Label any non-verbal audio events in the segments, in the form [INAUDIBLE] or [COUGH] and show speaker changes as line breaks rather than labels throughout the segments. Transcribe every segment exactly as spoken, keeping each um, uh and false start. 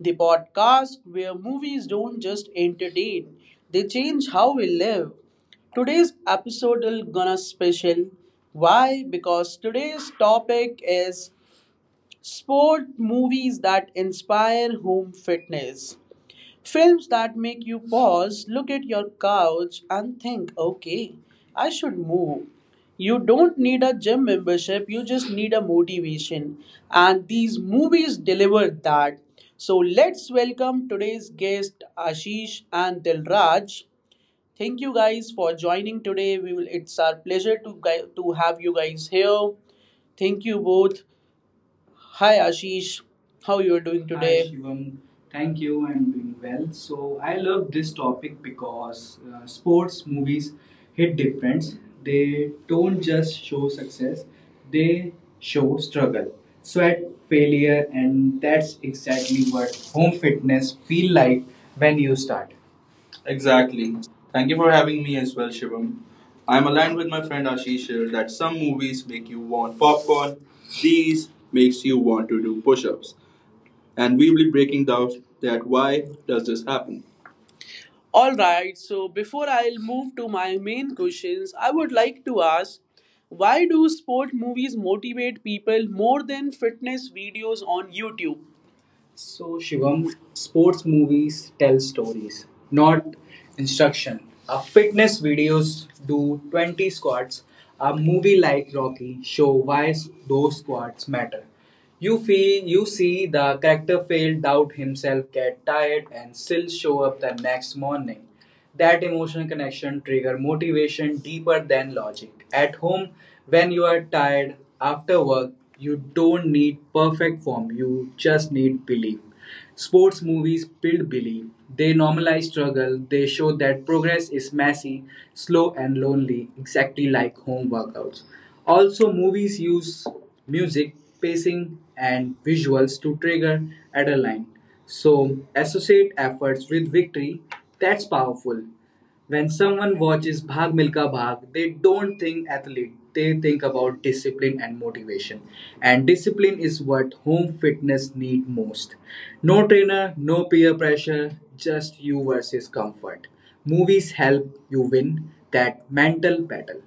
the podcast where movies don't just entertain, they change how we live. Today's episode is gonna special. Why? Because today's topic is sport movies that inspire home fitness. Films that make you pause, look at your couch, and think, okay, I should move. You don't need a gym membership, you just need a motivation. And these movies deliver that. So let's welcome today's guest, Ashish and Dilraj. Thank you guys for joining today. We will, it's our pleasure to, gui- to have you guys here. Thank you both. Hi Ashish, how you are doing Hi today? Shivam, thank you. I'm doing well. So I love this topic because uh, sports movies hit different. They don't just show success; they show struggle, sweat, failure, and that's exactly what home fitness feel like when you start. Exactly. Thank you for having me as well, Shivam. I'm aligned with my friend Ashish here that some movies make you want popcorn, these makes you want to do push-ups. And we will be breaking down that why does this happen? Alright, so before I'll move to my main questions, I would like to ask why do sport movies motivate people more than fitness videos on YouTube? So Shivam, sports movies tell stories, not instruction. Our fitness videos do twenty squats. A movie like Rocky show why those squats matter. You feel you see the character fail, doubt himself, get tired, and still show up the next morning. That emotional connection trigger motivation deeper than logic. At home, when you are tired after work, you don't need perfect form, you just need belief. Sports movies build belief. They normalize struggle. They show that progress is messy, slow, and lonely, exactly like home workouts. Also, movies use music, pacing, and visuals to trigger adrenaline. So, associate efforts with victory, that's powerful. When someone watches Bhag Milka Bhag, they don't think athlete, they think about discipline and motivation. And discipline is what home fitness need most. No trainer, no peer pressure, just you versus comfort. Movies help you win that mental battle.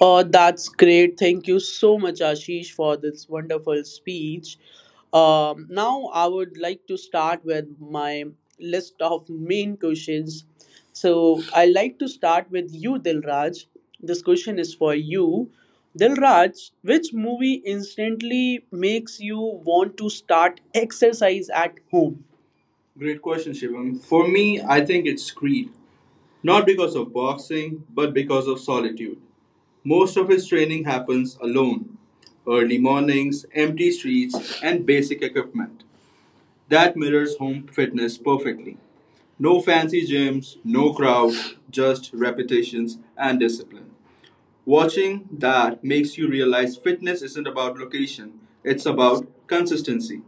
Oh, that's great. Thank you so much, Ashish, for this wonderful speech. Um, now, I would like to start with my list of main questions. So, I like to start with you, Dilraj. This question is for you. Dilraj, which movie instantly makes you want to start exercise at home? Great question, Shivam. For me, I think it's Creed. Not because of boxing, but because of solitude. Most of his training happens alone. Early mornings, empty streets, and basic equipment. That mirrors home fitness perfectly. No fancy gyms, no crowd, just repetitions and discipline. Watching that makes you realize fitness isn't about location, it's about consistency.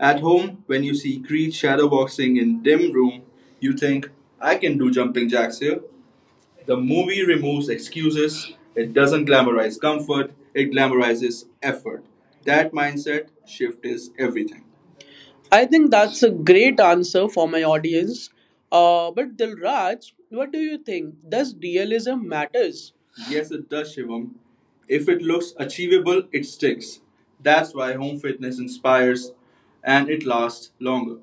At home, when you see Creed shadowboxing in dim room, you think, I can do jumping jacks here. The movie removes excuses, it doesn't glamorize comfort, it glamorizes effort. That mindset shift is everything. I think that's a great answer for my audience. Uh, but Dilraj, what do you think? Does realism matters? Yes, it does, Shivam. If it looks achievable, it sticks. That's why home fitness inspires and it lasts longer.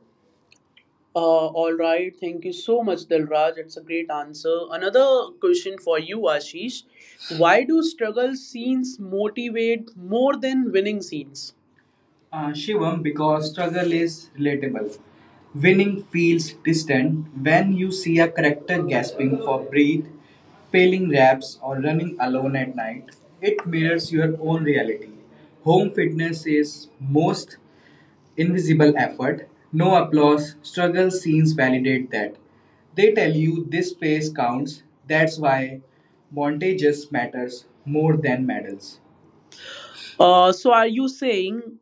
Uh, all right. Thank you so much, Dilraj. It's a great answer. Another question for you, Ashish. Why do struggle scenes motivate more than winning scenes? Uh, Shivam, because struggle is relatable. Winning feels distant when you see a character gasping for breath, failing raps, or running alone at night. It mirrors your own reality. Home fitness is most invisible effort. No applause, struggle scenes validate that. They tell you this phase counts, that's why montages matters more than medals. Uh, so are you saying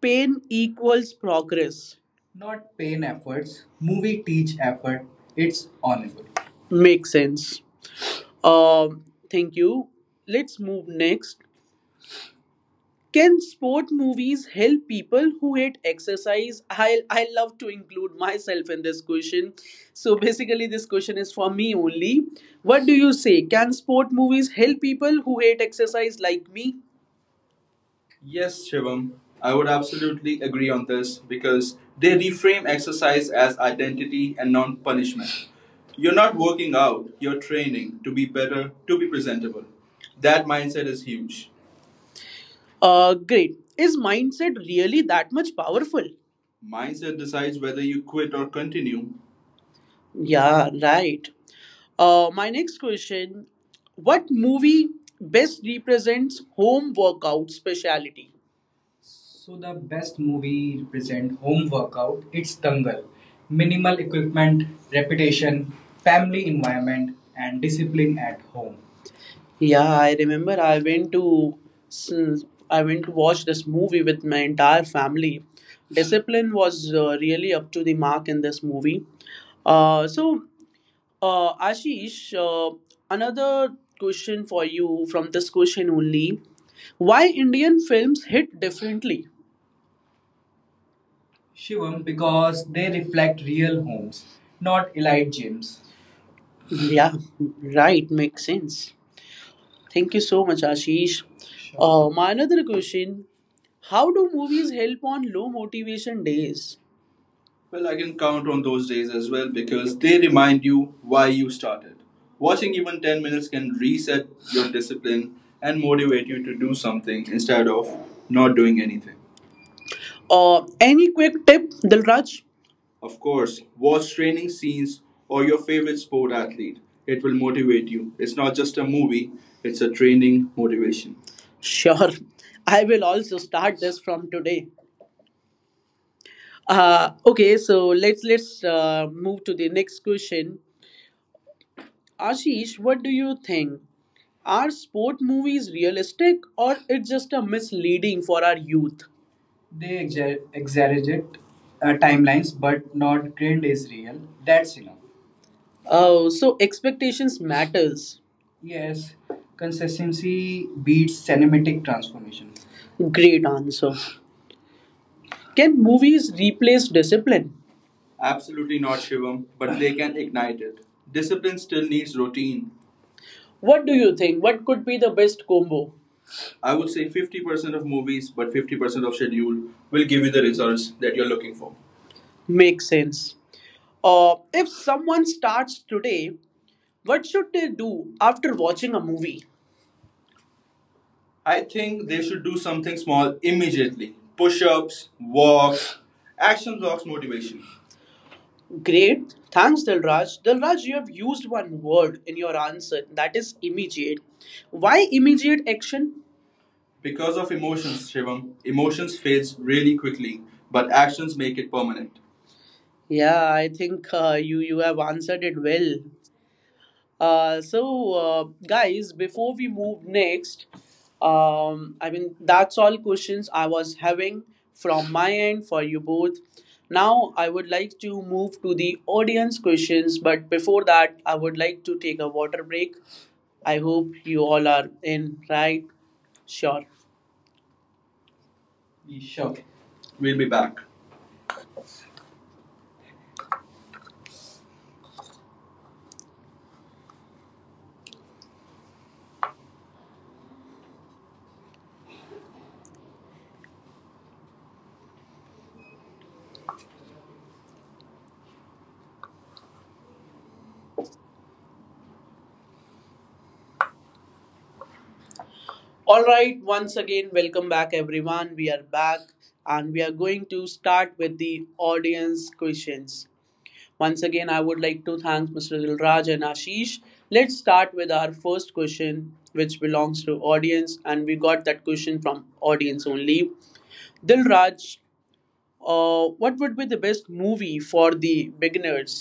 pain equals progress? Not pain efforts, movie teach effort. It's honorable. Makes sense. Um, thank you. Let's move next. Can sport movies help people who hate exercise? I I love to include myself in this question. So basically, this question is for me only. What do you say? Can sport movies help people who hate exercise like me? Yes, Shivam, I would absolutely agree on this because they reframe exercise as identity and non punishment. You're not working out, you're training to be better, to be presentable. That mindset is huge. Uh, great. Is mindset really that much powerful? Mindset decides whether you quit or continue. Yeah, right. Uh, my next question: What movie best represents home workout speciality? So the best movie represent home workout. It's Dangal. Minimal equipment, reputation, family environment, and discipline at home. Yeah, I remember I went to s- I went to watch this movie with my entire family. Discipline was uh, really up to the mark in this movie. Uh, so, uh, Ashish, uh, another question for you from this question only: Why Indian films hit differently? Shivam because they reflect real homes, not elite gyms. Yeah, right, makes sense. Thank you so much, Ashish. Sure. Uh, my another question: How do movies help on low motivation days? Well, I can count on those days as well because they remind you why you started. Watching even ten minutes can reset your discipline and motivate you to do something instead of not doing anything. Uh, any quick tip, Dilraj? Of course, watch training scenes or your favorite sport athlete. It will motivate you. It's not just a movie, it's a training motivation. Sure, I will also start this from today. Uh, okay, so let's let's uh, move to the next question. Ashish, what do you think? Are sport movies realistic or it's just a misleading for our youth? They exa- exaggerate uh, timelines, but not grand is real. That's enough. Oh, so expectations matters. Yes, consistency beats cinematic transformation. Great answer. Can movies replace discipline? Absolutely not, Shivam, but they can ignite it. Discipline still needs routine. What do you think? What could be the best combo? I would say fifty percent of movies, but fifty percent of schedule will give you the results that you're looking for. Makes sense. Uh, if someone starts today, what should they do after watching a movie? I think they should do something small immediately push ups, walks. Action blocks motivation. Great. Thanks, Dilraj. Dilraj, you have used one word in your answer that is immediate. Why immediate action? Because of emotions, Shivam, emotions fades really quickly, but actions make it permanent. Yeah, I think uh, you you have answered it well. Uh, so, uh, guys, before we move next, um, I mean that's all questions I was having from my end for you both. Now I would like to move to the audience questions, but before that, I would like to take a water break. I hope you all are in, right? Sure. Sure. We'll be back. All right, once again, welcome back, everyone. We are back and we are going to start with the audience questions. Once again, I would like to thank mister Dilraj and Ashish. Let's start with our first question, which belongs to audience, and we got that question from audience only. Dilraj, uh, what would be the best movie for the beginners?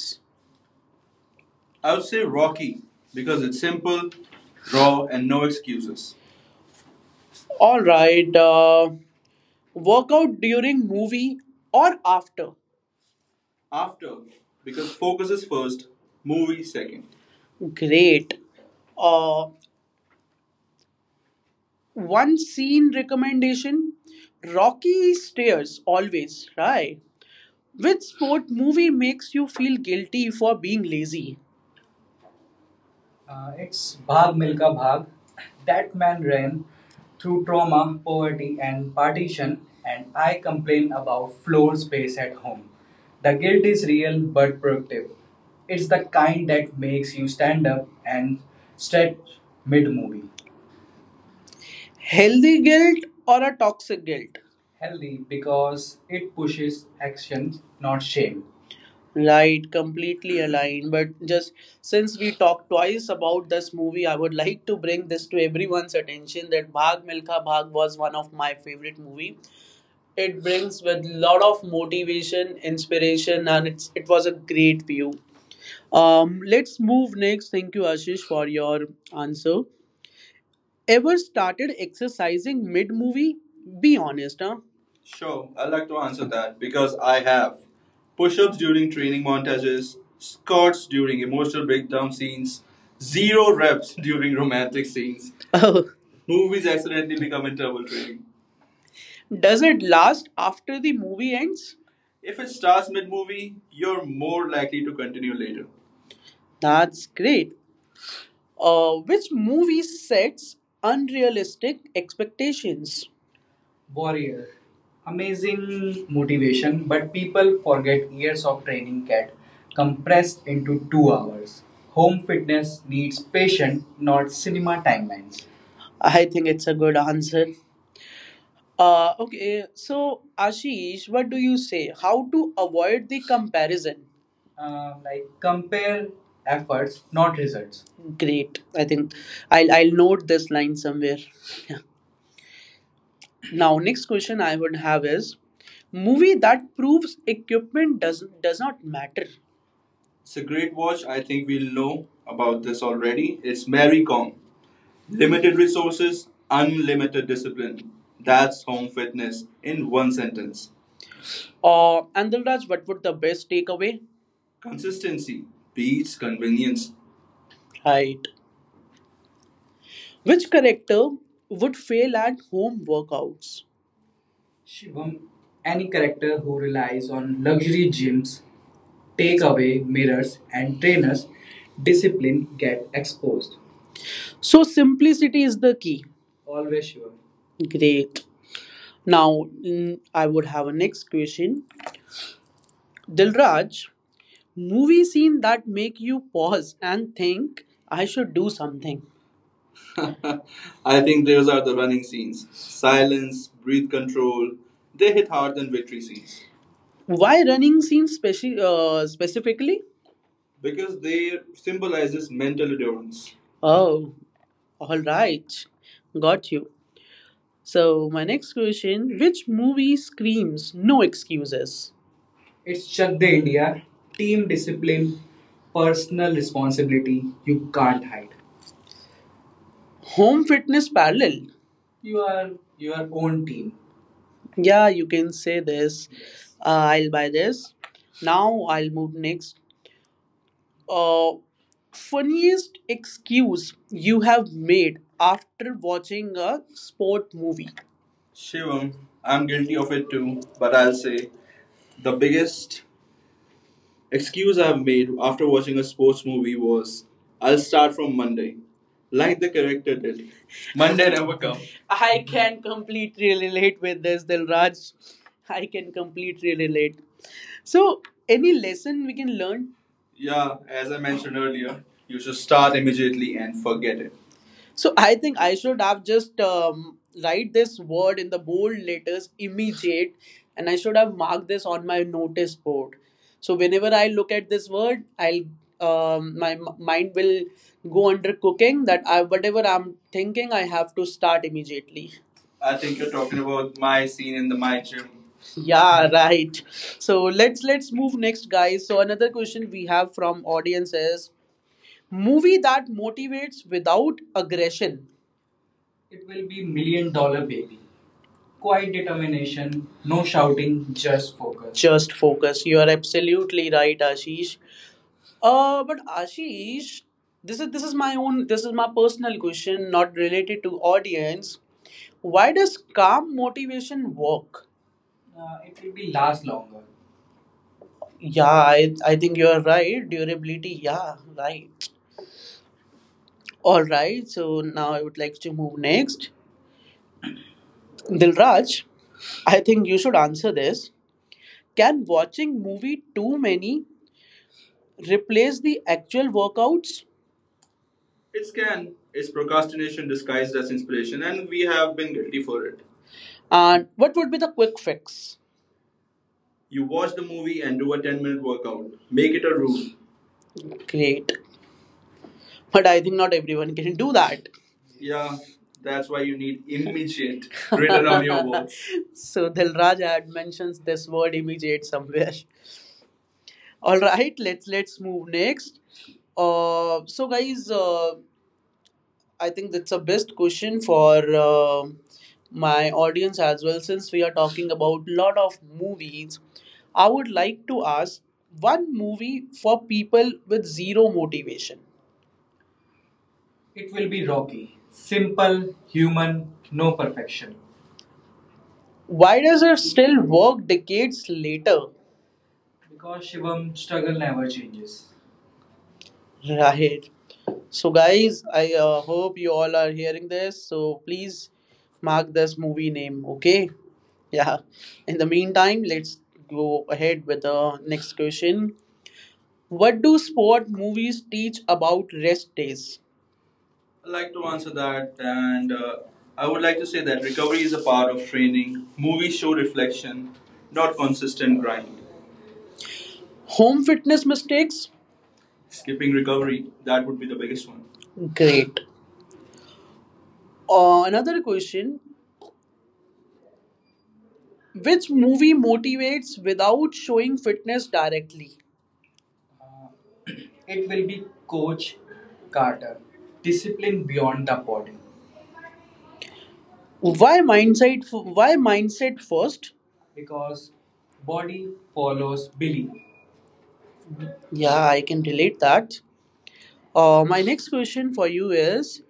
I would say Rocky because it's simple, raw, and no excuses. All right. Uh, Workout during movie or after? After, because focus is first, movie second. Great. Uh, One scene recommendation Rocky stairs, always, right? Which sport movie makes you feel guilty for being lazy? Uh, it's Bhag Milka Bhag. That man ran through trauma, poverty, and partition, and I complain about floor space at home. The guilt is real but productive. It's the kind that makes you stand up and stretch mid movie. Healthy guilt or a toxic guilt? Healthy because it pushes action, not shame. Right, completely aligned. But just since we talked twice about this movie, I would [LAUGHS] like to bring this to everyone's attention that Bhag Milkha Bhag was one of my favorite movie. It brings with lot of motivation, inspiration, and it's it was a great view. Um, let's move next. Thank you, Ashish, for your answer. Ever started exercising mid movie? Be honest, huh? Sure, I'd like to answer that because I have push ups during training montages, squats during emotional breakdown scenes, zero reps [LAUGHS] during romantic scenes. Oh, Movies accidentally become interval training. Does it last after the movie ends? If it starts mid movie, you're more likely to continue later. That's great. Uh, which movie sets unrealistic expectations? Warrior. Amazing motivation, but people forget years of training get compressed into two hours. Home fitness needs patience, not cinema timelines. I think it's a good answer. Uh, okay, so Ashish, what do you say? How to avoid the comparison? Um, like compare efforts, not results. Great. I think I'll I'll note this line somewhere. Yeah. Now, next question I would have is movie that proves equipment does does not matter. It's a great watch. I think we'll know about this already. It's Maricom. Limited resources, unlimited discipline. That's home fitness in one sentence. Uh, and Dilraj, what would the best takeaway? Consistency beats convenience. Right. Which character would fail at home workouts? Shivam, any character who relies on luxury gyms, takeaway mirrors, and trainers, discipline get exposed. So, simplicity is the key. Always Shivam. Great. Now, mm, I would have a next question. Dilraj, movie scene that make you pause and think, I should do something. [LAUGHS] I think those are the running scenes. Silence, breath control, they hit hard than victory scenes. Why running scenes speci- uh, specifically? Because they symbolizes mental endurance. Oh, all right. Got you. So, my next question. Which movie screams no excuses? It's Chak De India, team discipline, personal responsibility. You can't hide. Home fitness parallel. You are your own team. Yeah, you can say this. Uh, I'll buy this. Now, I'll move next. uh, Funniest excuse you have made after watching a sport movie? Shivam, I'm guilty of it too, but I'll say the biggest excuse I've made after watching a sports movie was, I'll start from Monday. Like the character did. Monday never come. I can completely relate with this, Dilraj. I can completely relate. So, any lesson we can learn? Yeah, as I mentioned earlier, you should start immediately and forget it. So I think I should have just um, write this word in the bold letters immediate, and I should have marked this on my notice board. So whenever I look at this word, I'll um, my m- mind will go under cooking that I, whatever I'm thinking, I have to start immediately. I think you're talking about my scene in the my gym. Yeah, right. So let's let's move next, guys. So another question we have from audience is, movie that motivates without aggression. It will be Million Dollar Baby. Quiet determination, no shouting, just focus. Just focus. You are absolutely right, Ashish. Uh, but Ashish, this is this is my own, this is my personal question, not related to audience. Why does calm motivation work? Uh, it will be last longer. Yeah, I I think you are right. Durability, yeah, right. All right, so now I would like to move next. Dilraj, I think you should answer this. Can watching movie too many replace the actual workouts? It can. It's procrastination disguised as inspiration, and we have been guilty for it. And what would be the quick fix? You watch the movie and do a ten minute workout. Make it a rule. Great. But I think not everyone can do that. Yeah, that's why you need immediate written on your [LAUGHS] walls. So Dilraj had mentions this word immediate somewhere. [LAUGHS] All right, let's let's move next. Uh, so guys, uh, I think that's a best question for uh, my audience as well. Since we are talking about lot of movies, I would like to ask one movie for people with zero motivation. It will be Rocky, simple, human, no perfection. Why does it still work decades later? Because Shivam, struggle never changes. Right. So, guys, I uh, hope you all are hearing this. So, please mark this movie name, okay? Yeah. In the meantime, let's go ahead with the next question. What do sport movies teach about rest days? I'd like to answer that, and uh, I would like to say that recovery is a part of training. Movies show reflection, not consistent grind. Home fitness mistakes? Skipping recovery, that would be the biggest one. Great. Uh, another question. Which movie motivates without showing fitness directly? [CLEARS THROAT] It will be Coach Carter. Discipline beyond the body. Why mindset? f- Why mindset first? Because body follows belief. Yeah, I can relate that. Uh, my next question for you is,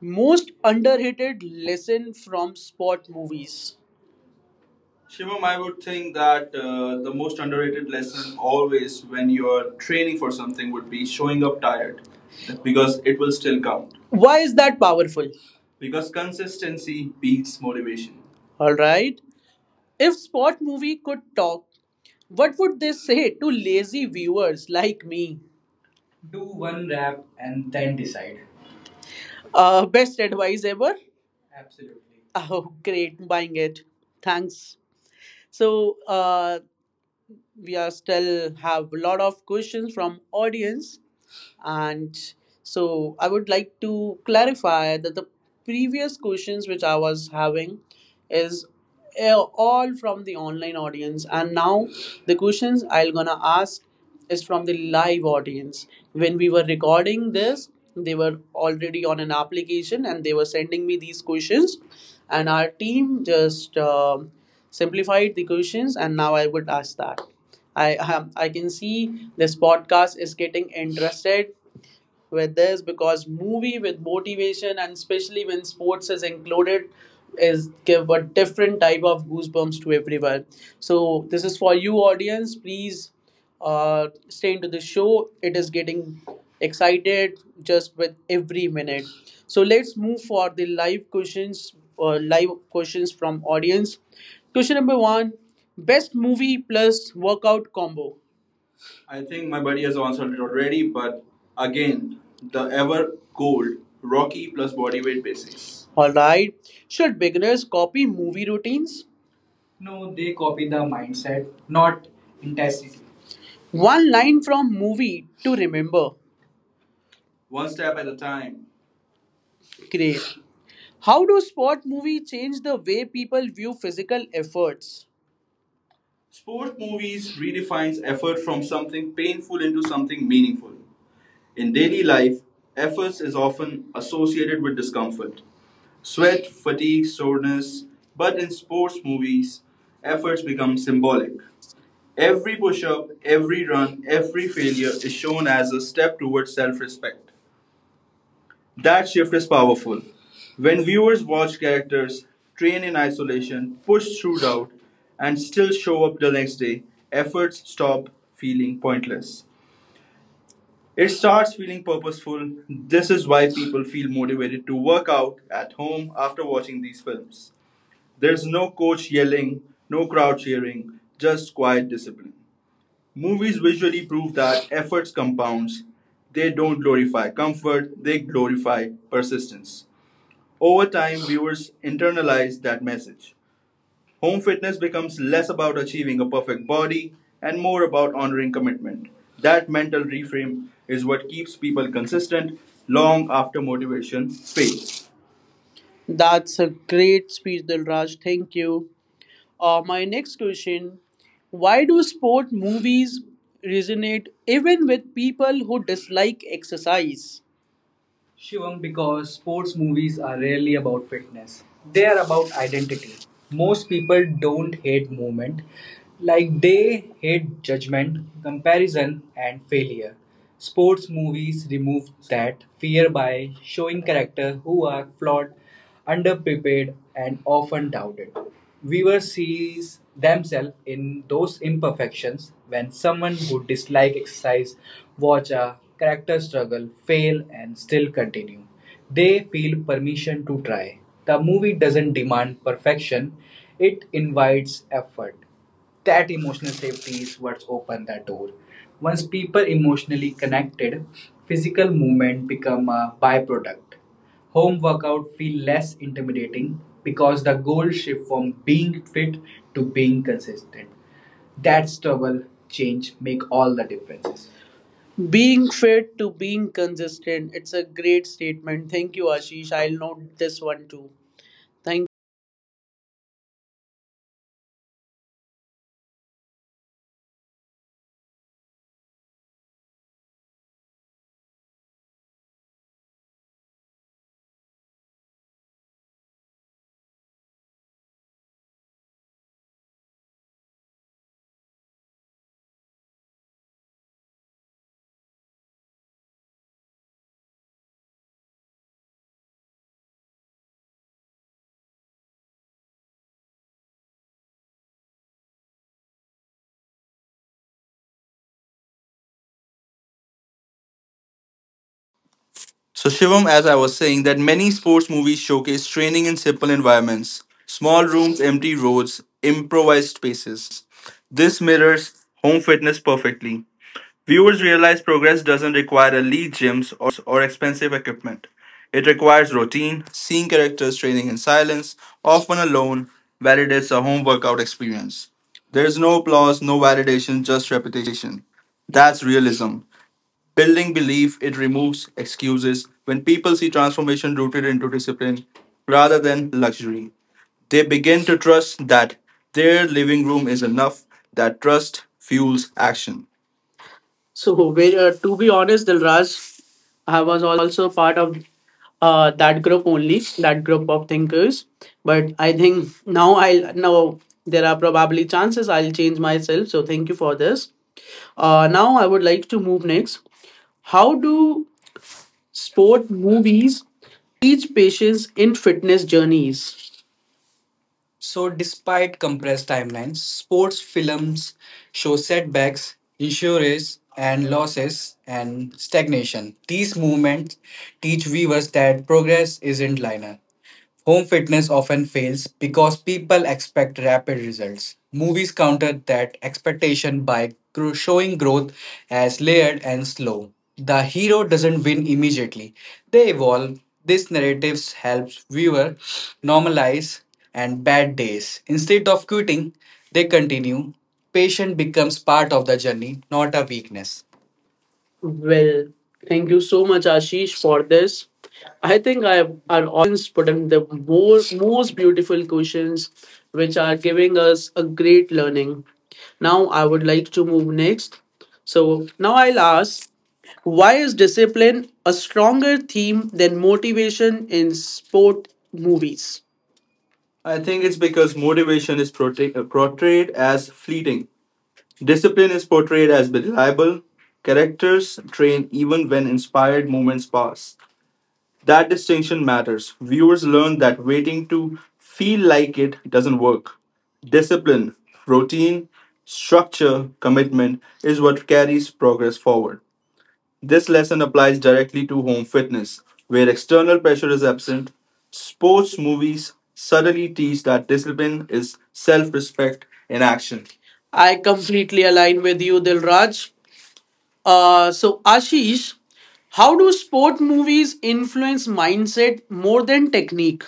most underrated lesson from sport movies. Shivam, I would think that uh, the most underrated lesson always when you're training for something would be showing up tired because it will still count. Why is that powerful? Because consistency beats motivation. All right. If sport movie could talk, what would they say to lazy viewers like me? Do one rap and then decide. Uh, best advice ever? Absolutely. Oh, great, buying it. Thanks. So, uh, we are still have a lot of questions from audience. And so I would like to clarify that the previous questions which I was having is uh, all from the online audience, and now the questions I'm gonna ask is from the live audience. When we were recording this, they were already on an application and they were sending me these questions, and our team just um simplified the questions, and now I would ask that. I um, I can see this podcast is getting interested with this because movie with motivation and especially when sports is included is give a different type of goosebumps to everyone, so this is for you audience, please uh, stay into the show, it is getting excited just with every minute, so let's move for the live questions. Uh, live questions from audience. Question number one, best movie plus workout combo. I think my buddy has answered it already, but again, the ever cold, Rocky plus bodyweight basis. Alright, should beginners copy movie routines? No, they copy the mindset, not intensity. One line from movie to remember. One step at a time. Great. How do sport movies change the way people view physical efforts? Sport movies redefines effort from something painful into something meaningful. In daily life, efforts is often associated with discomfort, sweat, fatigue, soreness, but in sports movies, efforts become symbolic. Every push up, every run, every failure is shown as a step towards self respect. That shift is powerful. When viewers watch characters train in isolation, push through doubt, and still show up the next day, efforts stop feeling pointless. It starts feeling purposeful. This is why people feel motivated to work out at home after watching these films. There's no coach yelling, no crowd cheering, just quiet discipline. Movies visually prove that efforts compounds. They don't glorify comfort, they glorify persistence. Over time, viewers internalize that message. Home fitness becomes less about achieving a perfect body and more about honoring commitment. That mental reframe is what keeps people consistent long after motivation fades. That's a great speech, Dilraj. Thank you. Uh, my next question. Why do sport movies resonate even with people who dislike exercise? Shivam, because sports movies are rarely about fitness. They are about identity. Most people don't hate movement, like they hate judgment, comparison, and failure. Sports movies remove that fear by showing characters who are flawed, underprepared, and often doubted. Viewers see themselves in those imperfections. When someone who dislikes exercise watch a character struggle, fail, and still continue, they feel permission to try. The movie doesn't demand perfection, it invites effort. That emotional safety is what's open that door. Once people emotionally connected, physical movement become a byproduct. Home workout feel less intimidating because the goal shift from being fit to being consistent. That struggle change make all the differences. Being fit to being consistent. It's a great statement. Thank you, Ashish. I'll note this one too. Thank
So, Shivam, as I was saying, that many sports movies showcase training in simple environments, small rooms, empty roads, improvised spaces. This mirrors home fitness perfectly. Viewers realize progress doesn't require elite gyms or expensive equipment. It requires routine. Seeing characters training in silence, often alone, validates a home workout experience. There's no applause, no validation, just repetition. That's realism. Building belief, it removes excuses. When people see transformation rooted into discipline rather than luxury, they begin to trust that their living room is enough. That trust fuels action. So, ve- uh, to be honest, Dilraj, I was also part of uh, that group only, that group of thinkers. But I think now I'll now there are probably chances I'll change myself. So thank you for this. Uh, now I would like to move next. How do sport movies teach patience in fitness journeys? So, despite compressed timelines, sports films show setbacks, issues, and losses and stagnation. These movements teach viewers that progress isn't linear. Home fitness often fails because people expect rapid results. Movies counter that expectation by gro- showing growth as layered and slow. The hero doesn't win immediately, they evolve. This narrative helps viewer normalize and bad days. Instead of quitting, they continue. Patient becomes part of the journey, not a weakness. Well, thank you so much, Ashish, for this. I think I our audience put in the most, most beautiful questions, which are giving us a great learning. Now, I would like to move next. So, now I'll ask, why is discipline a stronger theme than motivation in sport movies? I think it's because motivation is prote- uh, portrayed as fleeting. Discipline is portrayed as reliable. Characters train even when inspired moments pass. That distinction matters. Viewers learn that waiting to feel like it doesn't work. Discipline, routine, structure, commitment is what carries progress forward. This lesson applies directly to home fitness, where external pressure is absent. Sports movies subtly teach that discipline is self respect in action. I completely align with you, Dilraj. Uh, so, Ashish, how do sport movies influence mindset more than technique?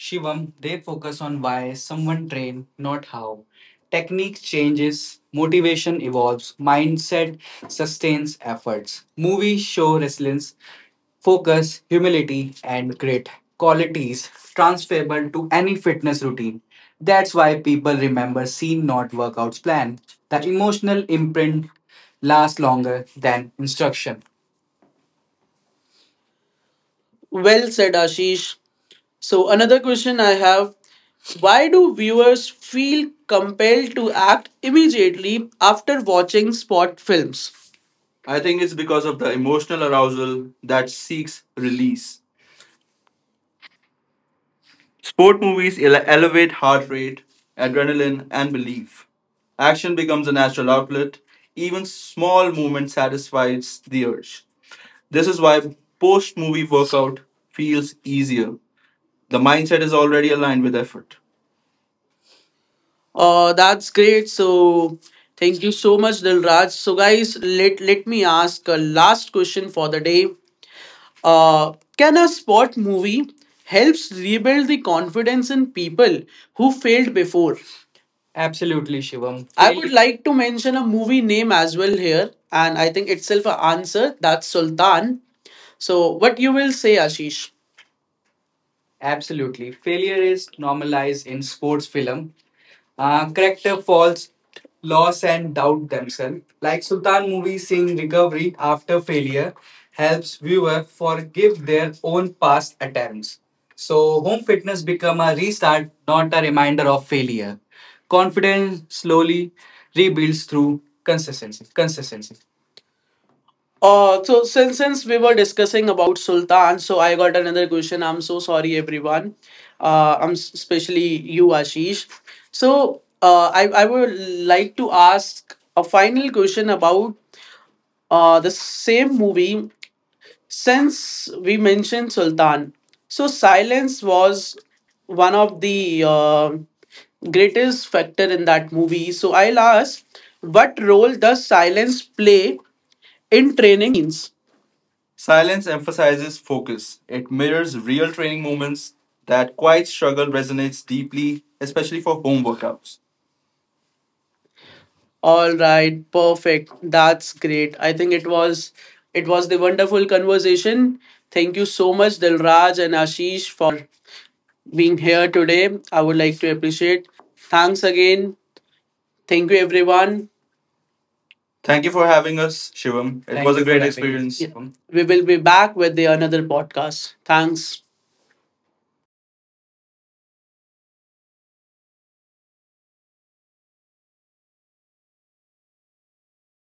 Shivam, they focus on why someone train, not how. Technique changes, motivation evolves, mindset sustains efforts. Movies show resilience, focus, humility, and grit. Qualities transferable to any fitness routine. That's why people remember scene, not workouts plan. The emotional imprint lasts longer than instruction. Well said, Ashish. So, another question I have, why do viewers feel compelled to act immediately after watching sport films? I think it's because of the emotional arousal that seeks release. Sport movies ele- elevate heart rate, adrenaline, and belief. Action becomes a natural outlet. Even small movement satisfies the urge. This is why post movie workout feels easier. The mindset is already aligned with effort. Uh, that's great. So thank you so much, Dilraj. So guys, let let me ask a last question for the day. Uh, can a sport movie helps rebuild the confidence in people who failed before? Absolutely, Shivam. I would like to mention a movie name as well here, and I think itself an answer. That's Sultan. So what you will say, Ashish? Absolutely. Failure is normalized in sports film. Uh, character falls, loss and doubt themselves. Like Sultan movie, seeing recovery after failure helps viewer forgive their own past attempts. So home fitness become a restart, not a reminder of failure. Confidence slowly rebuilds through consistency. Uh, so since since we were discussing about Sultan, so I got another question. I'm so sorry, everyone. Uh, I'm s- especially you, Ashish. So uh, I I would like to ask a final question about uh the same movie. Since we mentioned Sultan, so silence was one of the uh, greatest factor in that movie. So I'll ask, what role does silence play in training scenes? Silence emphasizes focus. It mirrors real training moments. That quiet struggle resonates deeply, especially for home workouts. All right, perfect. That's great. I think it was it was the wonderful conversation. Thank you so much, Dilraj and Ashish, for being here today. I would like to appreciate. Thanks again. Thank you, everyone. Thank you for having us, Shivam. It Thank was a you for great having us. Experience. Yeah. We will be back with the another podcast. Thanks.